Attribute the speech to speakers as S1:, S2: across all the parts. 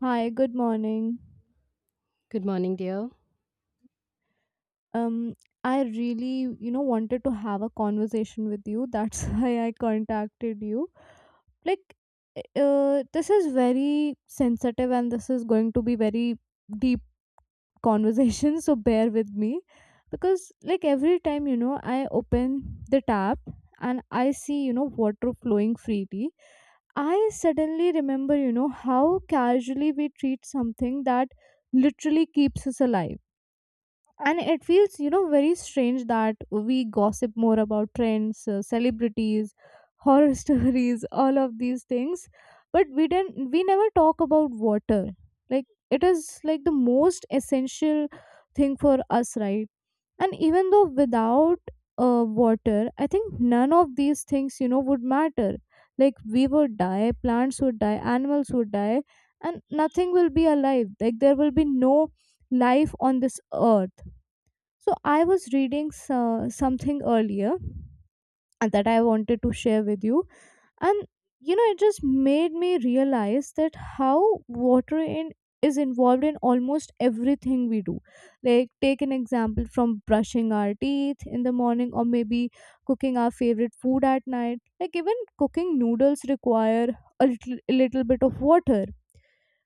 S1: Hi, good morning.
S2: Good morning, dear.
S1: Um, I really, you know, wanted to have a conversation with you. That's why I contacted you. Like, this is very sensitive and this is going to be very deep conversation, so bear with me. Because, like, every time, you know, I open the tap and I see, you know, water flowing freely, I suddenly remember, you know, how casually we treat something that literally keeps us alive, and it feels, you know, very strange that we gossip more about trends, celebrities, horror stories, all of these things, but we never talk about water. Like, it is like the most essential thing for us, right? And even though without water, I think none of these things, you know, would matter. Like, we would die, plants would die, animals would die, and nothing will be alive. Like, there will be no life on this earth. So I was reading something earlier and that I wanted to share with you, and, you know, it just made me realize that how water in is involved in almost everything we do. Like, take an example from brushing our teeth in the morning, or maybe cooking our favorite food at night. Like, even cooking noodles require a little bit of water.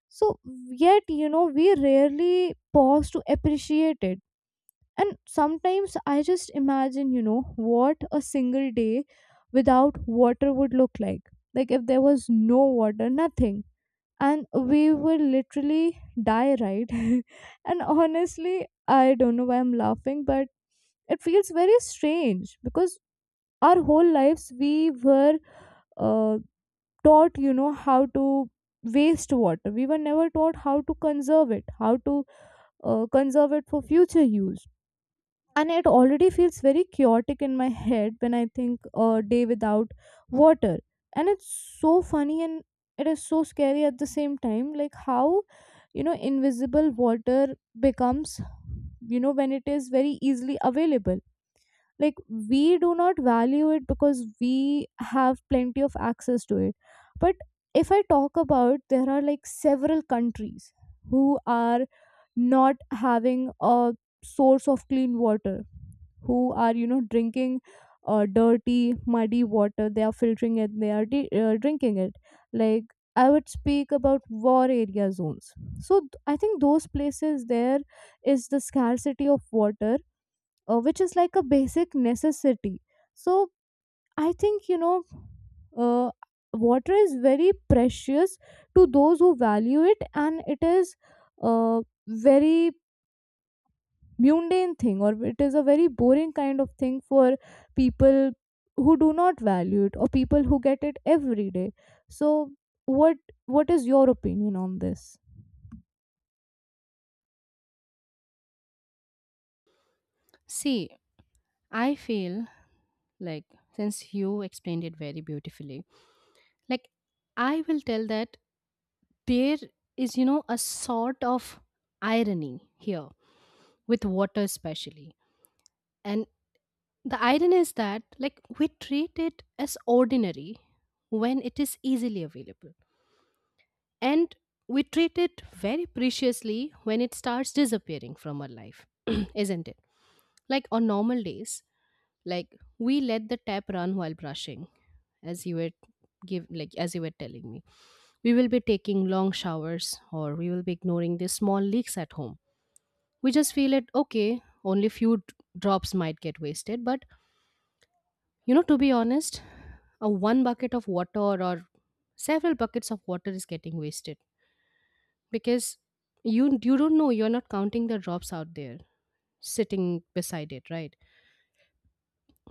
S1: So, yet, you know, we rarely pause to appreciate it, and sometimes I just imagine, you know, what a single day without water would look like. Like, if there was no water, nothing. And we will literally die, right? And honestly, I don't know why I'm laughing, but it feels very strange because our whole lives we were uh, taught, you know, how to waste water. We were never taught how to conserve it, how to conserve it for future use. And it already feels very chaotic in my head when I think a day without water. And it's so funny and it is so scary at the same time, like how, you know, invisible water becomes, you know, when it is very easily available. Like, we do not value it because we have plenty of access to it. But if I talk about, there are like several countries who are not having a source of clean water, who are, you know, drinking dirty muddy water. They are filtering it, they are drinking it. Like, I would speak about war area zones. So I think those places, there is the scarcity of water, which is like a basic necessity. So I think, you know, uh, water is very precious to those who value it, and it is a very mundane thing, or it is a very boring kind of thing for people who do not value it, or people who get it every day. So, what what is your opinion on this?
S2: See, I feel like since you explained it very beautifully, like I will tell that there is, you know, a sort of irony here with water, especially. And the irony is that, like, we treat it as ordinary when it is easily available, and we treat it very preciously when it starts disappearing from our life, isn't it? Like, on normal days, Like we let the tap run while brushing, as you were as you were telling me. We will be taking long showers or we will be ignoring the small leaks at home. We just feel it okay, only few drops might get wasted, but to be honest, a one bucket of water or several buckets of water is getting wasted because you don't know, you're not counting the drops out there sitting beside it, right?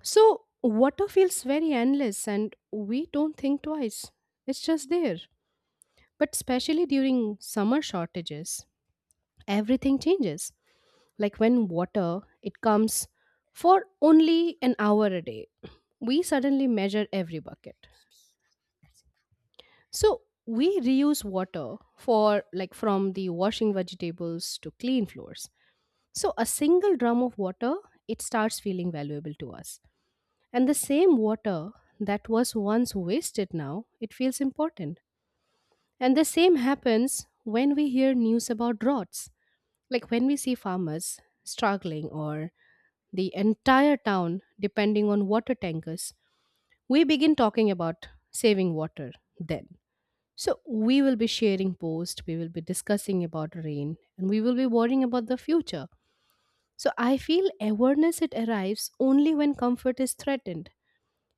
S2: So, water feels very endless and we don't think twice. It's just there. But especially during summer shortages, everything changes. Like when water, it comes for only an hour a day. We suddenly measure every bucket. So, we reuse water for like from the washing vegetables to clean floors. So, a single drum of water, it starts feeling valuable to us. And the same water that was once wasted now, it feels important. And the same happens when we hear news about droughts, like when we see farmers struggling or the entire town depending on water tankers. We begin talking about saving water then. So we will be sharing posts, we will be discussing about rain, and we will be worrying about the future. So I feel awareness, it arrives only when comfort is threatened.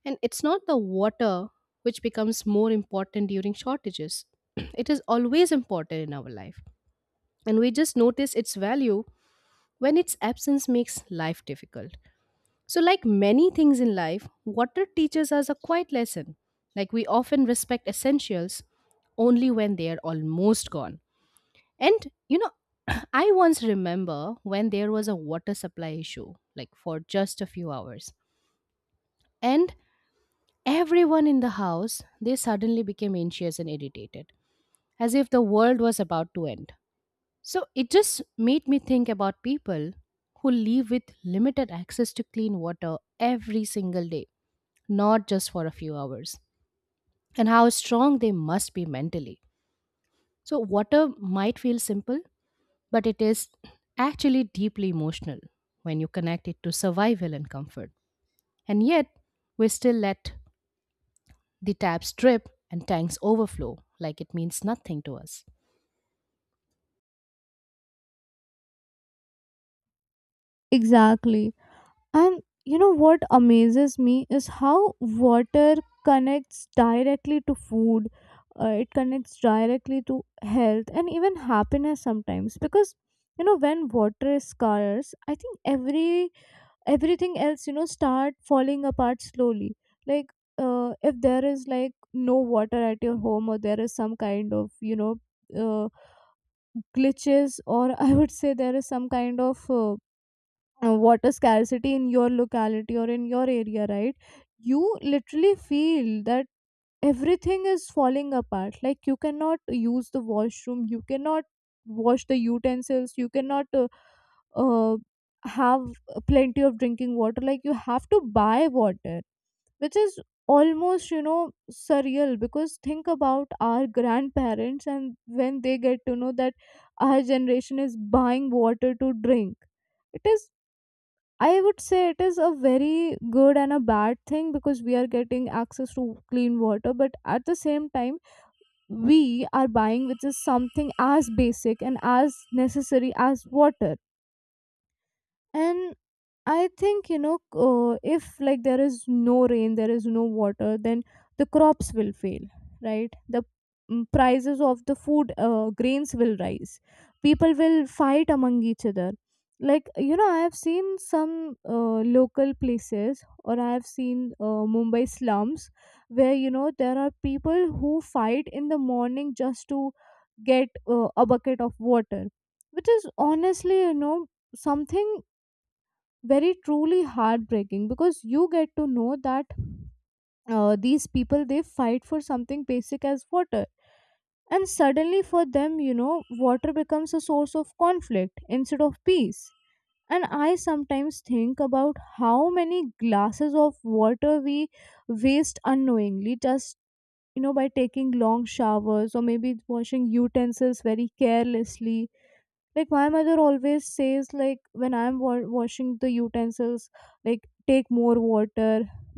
S2: And it's not the water which becomes more important during shortages. It is always important in our life. And we just notice its value when its absence makes life difficult. So, like many things in life, water teaches us a quiet lesson. Like, we often respect essentials only when they are almost gone. And you know, I once remember when there was a water supply issue, like for just a few hours. And everyone in the house, they suddenly became anxious and irritated, as if the world was about to end. So it just made me think about people who live with limited access to clean water every single day, not just for a few hours, and how strong they must be mentally. So, water might feel simple, but it is actually deeply emotional when you connect it to survival and comfort. And yet, we still let the taps drip and tanks overflow like it means nothing to us.
S1: Exactly. And you know what amazes me is how water connects directly to food, it connects directly to health and even happiness sometimes, because, you know, when water is scarce, I think everything else, you know, start falling apart slowly. Like, if there is like no water at your home, or there is some kind of, you know, uh, glitches, or I would say there is some kind of water scarcity in your locality or in your area, right? You literally feel that everything is falling apart. Like, you cannot use the washroom, you cannot wash the utensils, you cannot uh, have plenty of drinking water. Like, you have to buy water, which is almost, you know, surreal, because think about our grandparents, and when they get to know that our generation is buying water to drink, it is, I would say it is a very good and a bad thing, because we are getting access to clean water, but at the same time, we are buying which is something as basic and as necessary as water. And I think, you know, if like there is no rain, there is no water, then the crops will fail, right? The prices of the food grains will rise. People will fight among each other. Like, you know, I have seen some local places, or I have seen Mumbai slums where, you know, there are people who fight in the morning just to get a bucket of water, which is honestly, you know, something very truly heartbreaking, because you get to know that these people they fight for something basic as water, and suddenly for them, you know, water becomes a source of conflict instead of peace. And I sometimes think about how many glasses of water we waste unknowingly, just, you know, by taking long showers or maybe washing utensils very carelessly. Like, my mother always says, like, when I'm washing the utensils, like, take more water,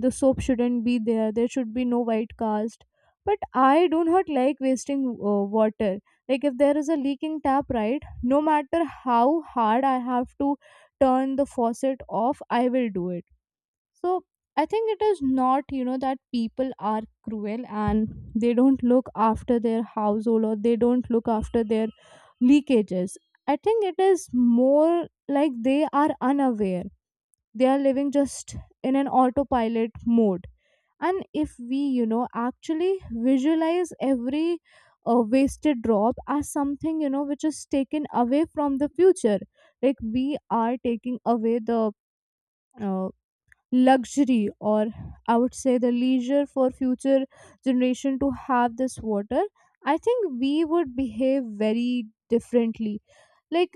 S1: the soap shouldn't be there, there should be no white cast. But I do not like wasting water. Like, if there is a leaking tap, right, no matter how hard I have to turn the faucet off, I will do it. So I think it is not, you know, that people are cruel and they don't look after their household or they don't look after their leakages. I think it is more like they are unaware. They are living just in an autopilot mode. And if we, you know, actually visualize every wasted drop as something, you know, which is taken away from the future, like we are taking away the uh, luxury, or I would say the leisure for future generation to have this water, I think we would behave very differently. Like,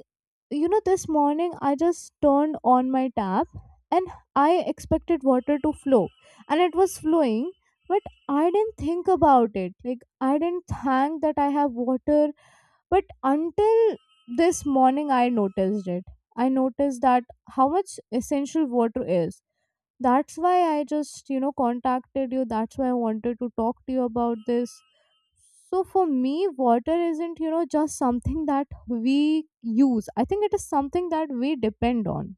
S1: you know, this morning I just turned on my tap, and I expected water to flow, and it was flowing, but I didn't think about it. Like, I didn't thank that I have water, but until this morning I noticed it. I noticed that how much essential water is. That's why I just, you know, contacted you. That's why I wanted to talk to you about this. So for me, water isn't, you know, just something that we use. I think it is something that we depend on.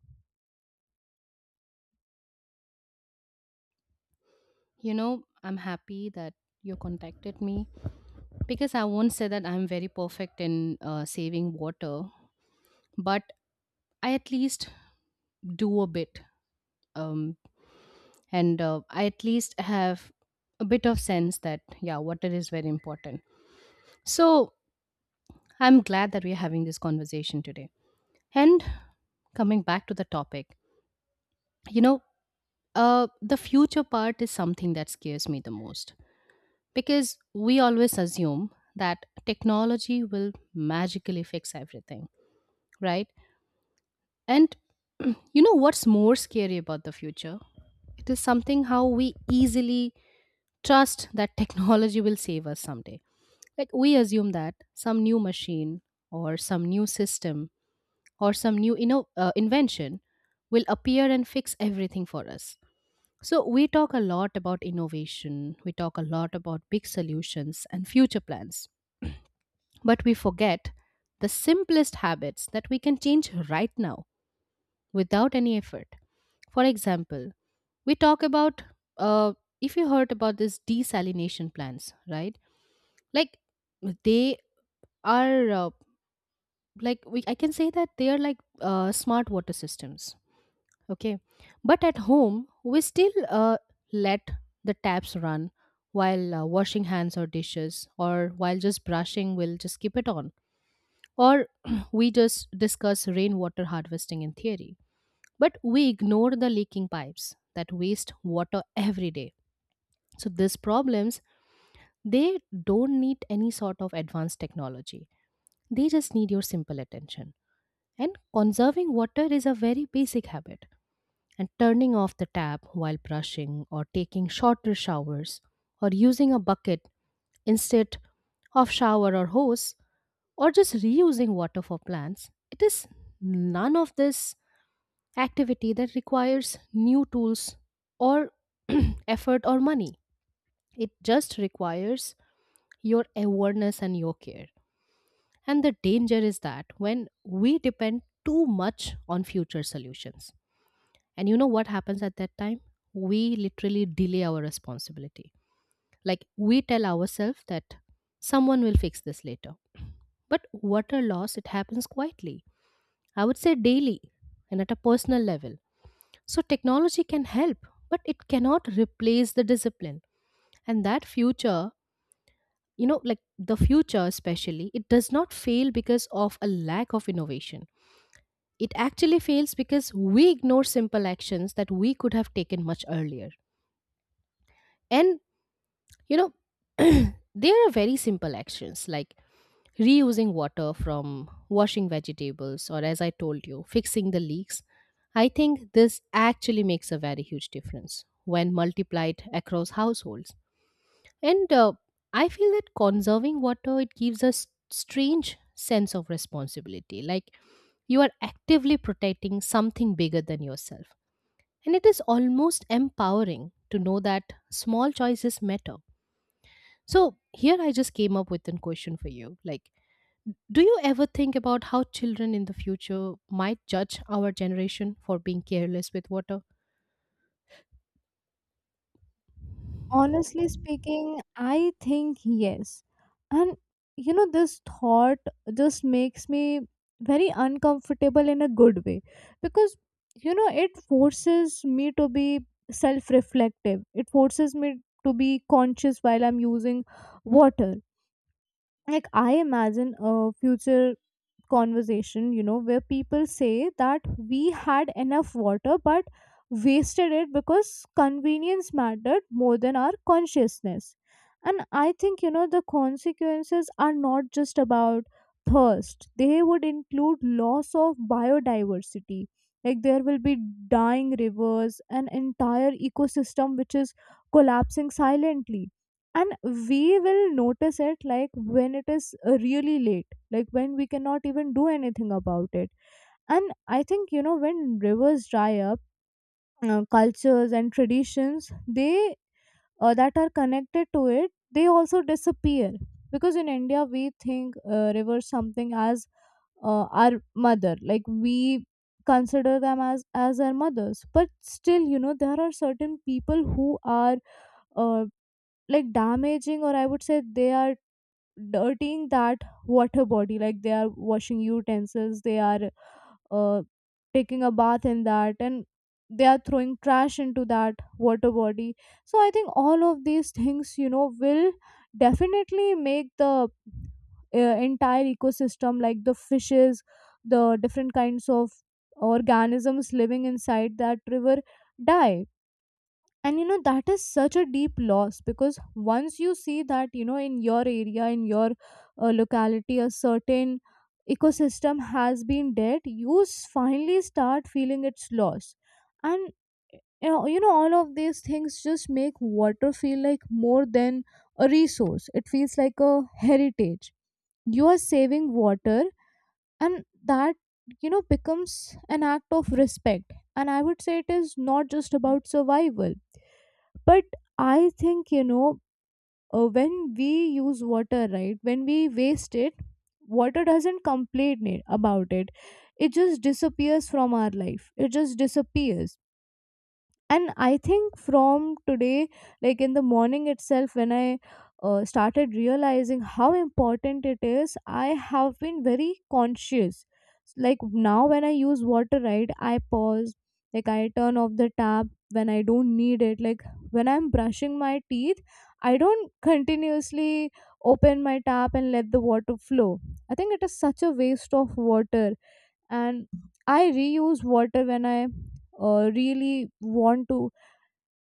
S2: You know, I'm happy that you contacted me because I won't say that I'm very perfect in saving water, but I at least do a bit. Um, and I at least have a bit of sense that, yeah, water is very important. So I'm glad that we're having this conversation today. And coming back to the topic, you know, the future part is something that scares me the most, because we always assume that technology will magically fix everything, right? And you know what's more scary about the future? It is something how we easily trust that technology will save us someday. Like, we assume that some new machine or some new system or some new invention will appear and fix everything for us. So we talk a lot about innovation, we talk a lot about big solutions and future plans. But we forget the simplest habits that we can change right now without any effort. For example, we talk about, uh, if you heard about this desalination plants, right? Like, they are I can say that they are like smart water systems. Okay, but at home we still let the taps run while washing hands or dishes, or while just brushing, we'll just keep it on. Or we just discuss rainwater harvesting in theory, but we ignore the leaking pipes that waste water every day. So these problems, they don't need any sort of advanced technology. They just need your simple attention. And conserving water is a very basic habit. And turning off the tap while brushing, or taking shorter showers, or using a bucket instead of shower or hose, or just reusing water for plants, it is none of this activity that requires new tools or effort or money. It just requires your awareness and your care. And the danger is that when we depend too much on future solutions, and you know what happens at that time? We literally delay our responsibility. Like, we tell ourselves that someone will fix this later. But water loss, it happens quietly. I would say daily and at a personal level. So technology can help, but it cannot replace the discipline. And that future, you know, like the future especially, it does not fail because of a lack of innovation. It actually fails because we ignore simple actions that we could have taken much earlier. And, you know, there are very simple actions like reusing water from washing vegetables, or, as I told you, fixing the leaks. I think this actually makes a very huge difference when multiplied across households. And I feel that conserving water, it gives a strange sense of responsibility, like you are actively protecting something bigger than yourself, and it is almost empowering to know that small choices matter. So here I just came up with a question for you, like, do you ever think about how children in the future might judge our generation for being careless with water?
S1: Honestly speaking, I think yes. And, you know, this thought just makes me very uncomfortable in a good way, because, you know, it forces me to be self reflective, it forces me to be conscious while I'm using water. Like, I imagine a future conversation, you know, where people say that we had enough water but wasted it because convenience mattered more than our consciousness. And I think, you know, the consequences are not just about thirst, they would include loss of biodiversity. Like, there will be dying rivers, an entire ecosystem which is collapsing silently. And we will notice it like when it is really late, like when we cannot even do anything about it. And I think, you know, when rivers dry up, cultures and traditions they that are connected to it they also disappear, because in India we think rivers something as our mother. Like, we consider them as our mothers, but still, you know, there are certain people who are uh, like damaging, or I would say they are dirtying that water body. Like, they are washing utensils, they are uh, taking a bath in that, and they are throwing trash into that water body. So I think all of these things, you know, will definitely make the entire ecosystem, like the fishes, the different kinds of organisms living inside that river, die. And, you know, that is such a deep loss, because once you see that, you know, in your area, in your locality, a certain ecosystem has been dead, you finally start feeling its loss. And, you know, all of these things just make water feel like more than a resource, it feels like a heritage. You are saving water, and that, you know, becomes an act of respect. And I would say it is not just about survival, but I think you know when we use water right, when we waste it, water doesn't about it. It just disappears from our life. It just disappears. And I think from today, like in the morning itself, when I started realizing how important it is, I have been very conscious. Like, now when I use water right, I pause. Like, I turn off the tap when I don't need it. Like, when I'm brushing my teeth, I don't continuously open my tap and let the water flow. I think it is such a waste of water. And I reuse water when I really want to.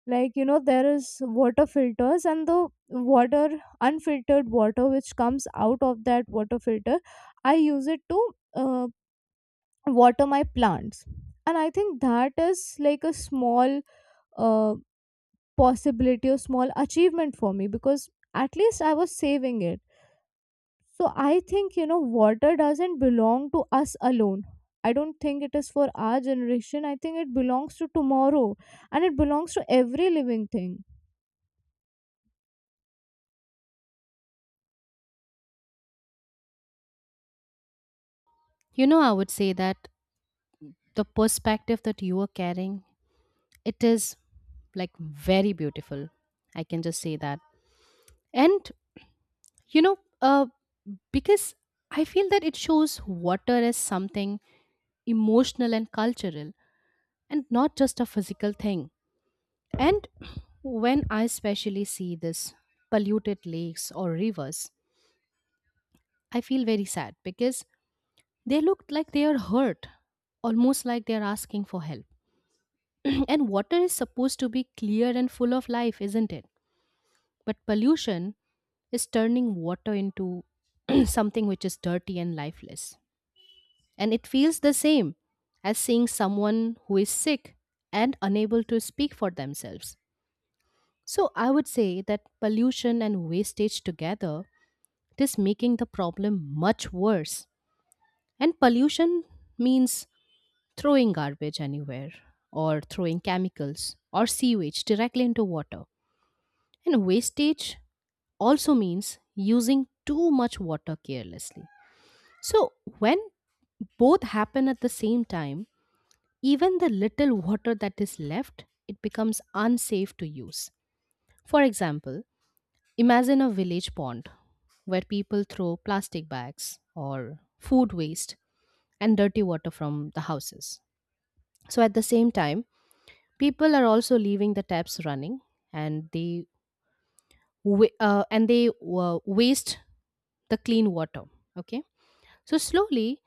S1: Like, you know, there is water filters and the water, unfiltered water which comes out of that water filter, I use it to uh, water my plants. And I think that is like a small, uh, possibility or small achievement for me, because at least I was saving it. So I think, you know, water doesn't belong to us alone. I don't think it is for our generation. I think it belongs to tomorrow, and it belongs to every living thing.
S2: You know, I would say that the perspective that you are carrying, it is like very beautiful. I can just say that. And you know, because I feel that it shows water as something emotional and cultural and not just a physical thing. And when I especially see this polluted lakes or rivers, I feel very sad because they look like they are hurt, almost like they are asking for help. And water is supposed to be clear and full of life, isn't it? But pollution is turning water into something which is dirty and lifeless. And it feels the same as seeing someone who is sick and unable to speak for themselves. So I would say that pollution and wastage together, it is making the problem much worse. And pollution means throwing garbage anywhere, or throwing chemicals or sewage directly into water. And wastage also means using too much water carelessly. So, when both happen at the same time, even the little water that is left, it becomes unsafe to use. For example, imagine a village pond where people throw plastic bags or food waste and dirty water from the houses. So, at the same time, people are also leaving the taps running, and they waste the clean water. Okay, so slowly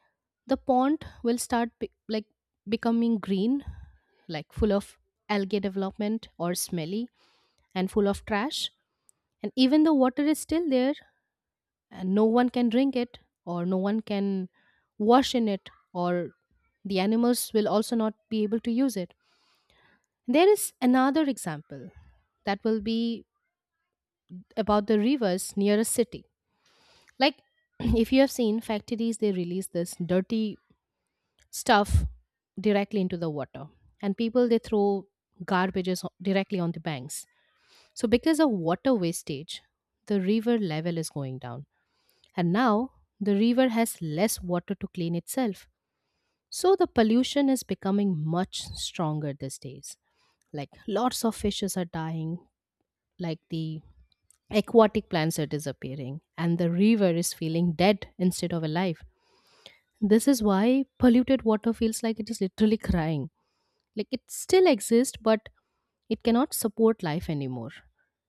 S2: the pond will start becoming green, like full of algae development, or smelly and full of trash. And even though water is still there, and no one can drink it, or no one can wash in it, or the animals will also not be able to use it. There is another example that will be about the rivers near a city. Like, if you have seen factories, they release this dirty stuff directly into the water, and people they throw garbages directly on the banks. So, because of water wastage, the river level is going down, and now the river has less water to clean itself. So, the pollution is becoming much stronger these days. Like, lots of fishes are dying, like the aquatic plants are disappearing, and the river is feeling dead instead of alive. This is why polluted water feels like it is literally crying. Like, it still exists, but it cannot support life anymore.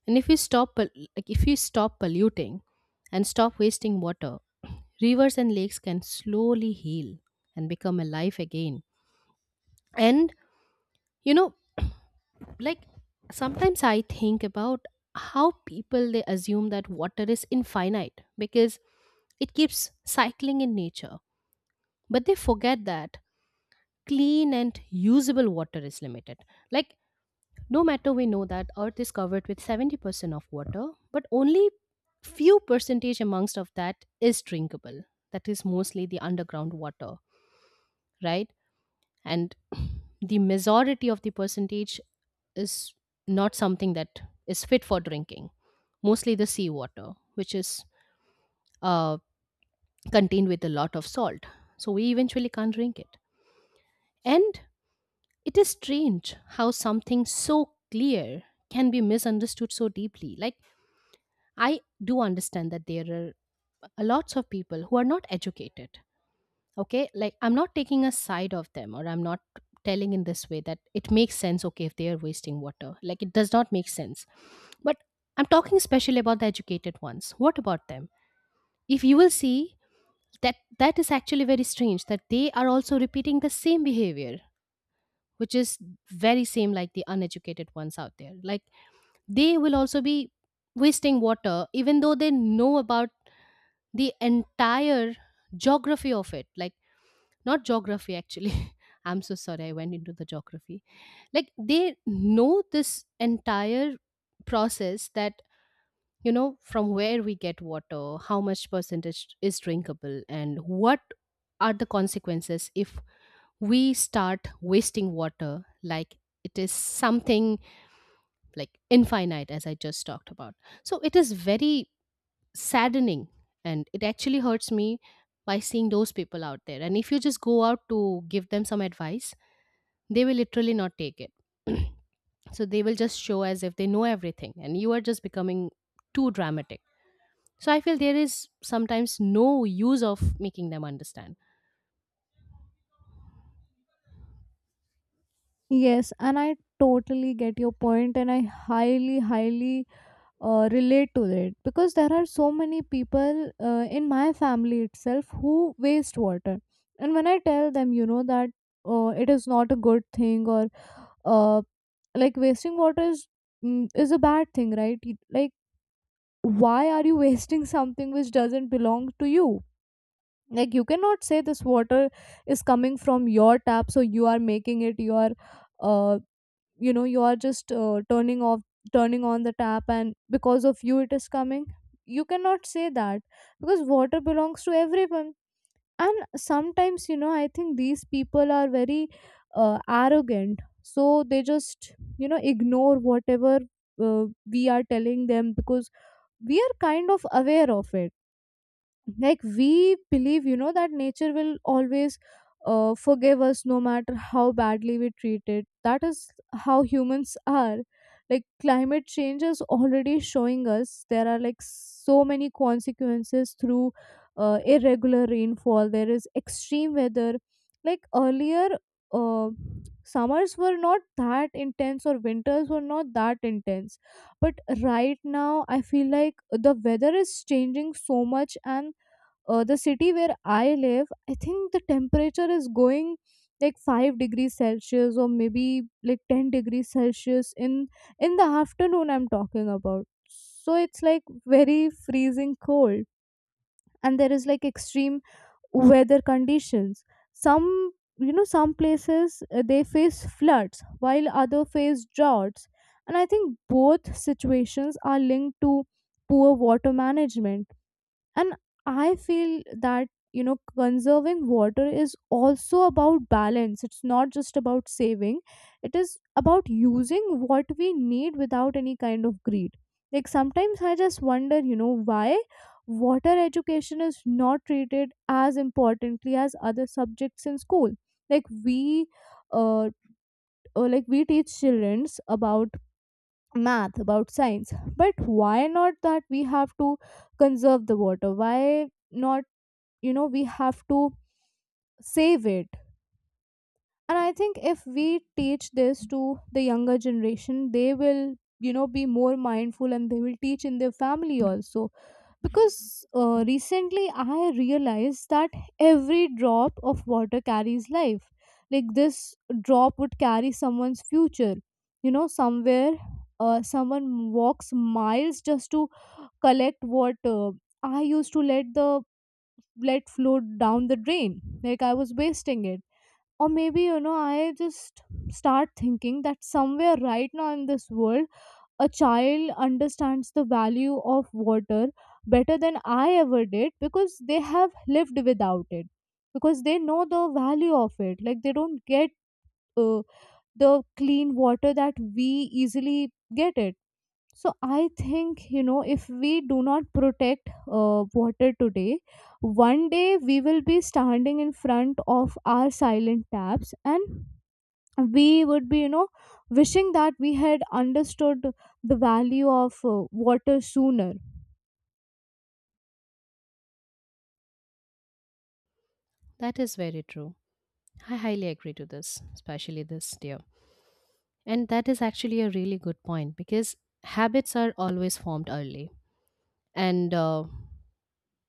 S2: And if we stop if we stop polluting and stop wasting water, rivers and lakes can slowly heal and become alive again. And, you know, like, sometimes I think about how people, they assume that water is infinite because it keeps cycling in nature, but they forget that clean and usable water is limited. Like, no matter, we know that earth is covered with 70% of water, but only few percentage amongst of that is drinkable. That is mostly the underground water, right? And the majority of the percentage is not something that is fit for drinking, mostly the seawater, which is uh, contained with a lot of salt. So we eventually can't drink it. And it is strange how something so clear can be misunderstood so deeply. Like, I do understand that there are a lots of people who are not educated. Okay, like, I'm not taking a side of them or I'm not telling in this way that it makes sense. Okay, if they are wasting water, like it does not make sense. But I'm talking especially about the educated ones. What about them? If you will see, that is actually very strange that they are also repeating the same behavior, which is very same like the uneducated ones out there. Like, they will also be wasting water even though they know about the entire geography of it. Like, not geography actually. I'm so sorry, I went into the geography. Like, they know this entire process, that from where we get water, how much percentage is drinkable, and what are the consequences if we start wasting water. Like, it is something like infinite, as I just talked about. So it is very saddening, and it actually hurts me by seeing those people out there. And if you just go out to give them some advice, they will literally not take it. So they will just show as if they know everything and you are just becoming too dramatic. So I feel there is sometimes no use of making them understand.
S1: Yes, and I totally get your point, and I highly, highly relate to it, because there are so many people in my family itself who waste water. And when I tell them, you know, that it is not a good thing, or uh, like wasting water is, is a bad thing, right? Like, why are you wasting something which doesn't belong to you? Like, you cannot say this water is coming from your tap, so you are making it your. Uh, you know, you are just turning on the tap, and because of you it is coming. You cannot say that, because water belongs to everyone. And sometimes, you know, I think these people are very arrogant, so they just, you know, ignore whatever uh, we are telling them, because we are kind of aware of it. Like, we believe, you know, that nature will always forgive us no matter how badly we treat it. That is how humans are. Like, climate change is already showing us there are like so many consequences through irregular rainfall. There is extreme weather. Like, earlier, uh, summers were not that intense or winters were not that intense, but right now I feel like the weather is changing so much. And the city where I live, I think the temperature is going like 5 degrees celsius or maybe like 10 degrees celsius in the afternoon I'm talking about. So it's like very freezing cold, and there is like extreme weather conditions. Some, you know, some places they face floods while other face droughts. And I think both situations are linked to poor water management. And I feel that, you know, conserving water is also about balance. It's not just about saving, it is about using what we need without any kind of greed. Like, sometimes I just wonder, you know, why water education is not treated as importantly as other subjects in school. like we uh, like we teach children about math, about science, but why not that we have to conserve the water? Why not, you know, we have to save it? And I think if we teach this to the younger generation, they will, you know, be more mindful, and they will teach in their family also. Because recently I realized that every drop of water carries life. Like, this drop would carry someone's future. You know, somewhere, someone walks miles just to collect water. I used to let flow down the drain. Like, I was wasting it. Or maybe, you know, I just start thinking that somewhere right now in this world, a child understands the value of water better than I ever did, because they have lived without it, because they know the value of it. Like, they don't get uh, the clean water that we easily get it. So I think, you know, if we do not protect water today, one day we will be standing in front of our silent taps, and we would be, you know, wishing that we had understood the value of water sooner.
S2: That is very true. I highly agree to this, especially this dear. And that is actually a really good point, because habits are always formed early, and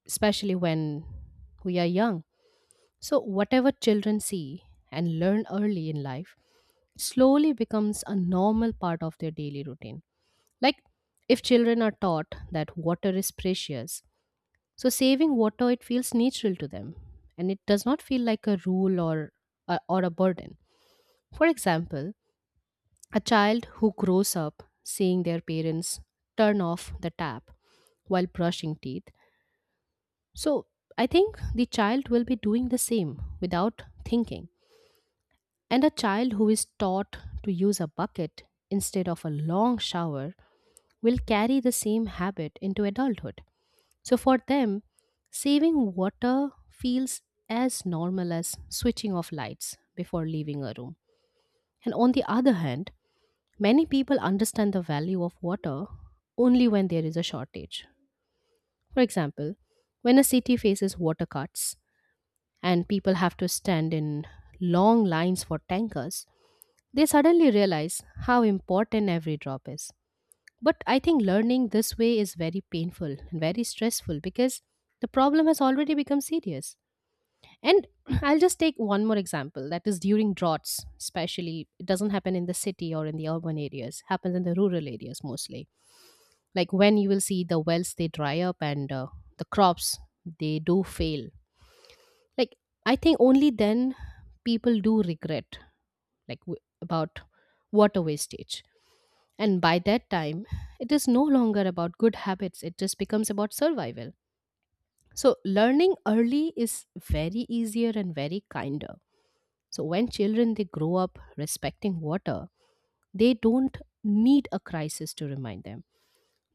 S2: especially when we are young. So whatever children see and learn early in life slowly becomes a normal part of their daily routine. Like, if children are taught that water is precious, so saving water, it feels natural to them, and it does not feel like a rule or a burden. For example, a child who grows up seeing their parents turn off the tap while brushing teeth. So I think the child will be doing the same without thinking. And a child who is taught to use a bucket instead of a long shower will carry the same habit into adulthood. So for them, saving water feels as normal as switching off lights before leaving a room. And on the other hand, many people understand the value of water only when there is a shortage. For example, when a city faces water cuts and people have to stand in long lines for tankers, they suddenly realize how important every drop is. But I think learning this way is very painful and very stressful, because the problem has already become serious. And I'll just take one more example, that is during droughts, especially. It doesn't happen in the city or in the urban areas, happens in the rural areas mostly. Like, when you will see the wells, they dry up, and the crops, they do fail. Like, I think only then people do regret, like, about water wastage. And by that time, it is no longer about good habits, it just becomes about survival. So, learning early is very easier and very kinder. So when children, they grow up respecting water, they don't need a crisis to remind them.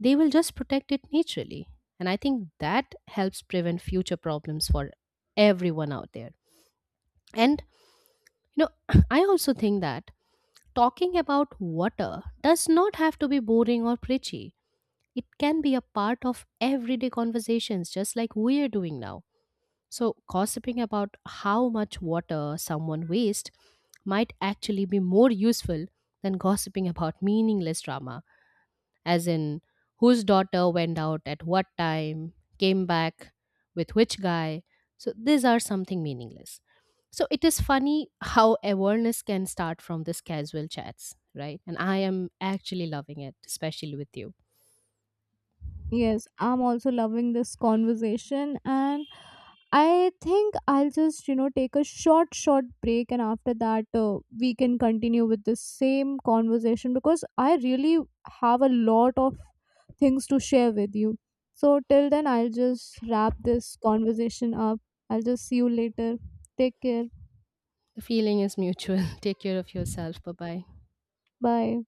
S2: They will just protect it naturally. And I think that helps prevent future problems for everyone out there. And I also think that talking about water does not have to be boring or preachy. It can be a part of everyday conversations just like we are doing now. So gossiping about how much water someone wastes might actually be more useful than gossiping about meaningless drama, as in whose daughter went out at what time, came back with which guy. So, these are something meaningless. So, it is funny how awareness can start from these casual chats, right? And I am actually loving it, especially with you.
S1: Yes, I'm also loving this conversation. And I think I'll just, you know, take a short break, and after that we can continue with the same conversation, because I really have a lot of things to share with you. So till then, I'll just wrap this conversation up. I'll just see you later. Take care.
S2: The feeling is mutual. Take care of yourself. Bye bye.
S1: Bye.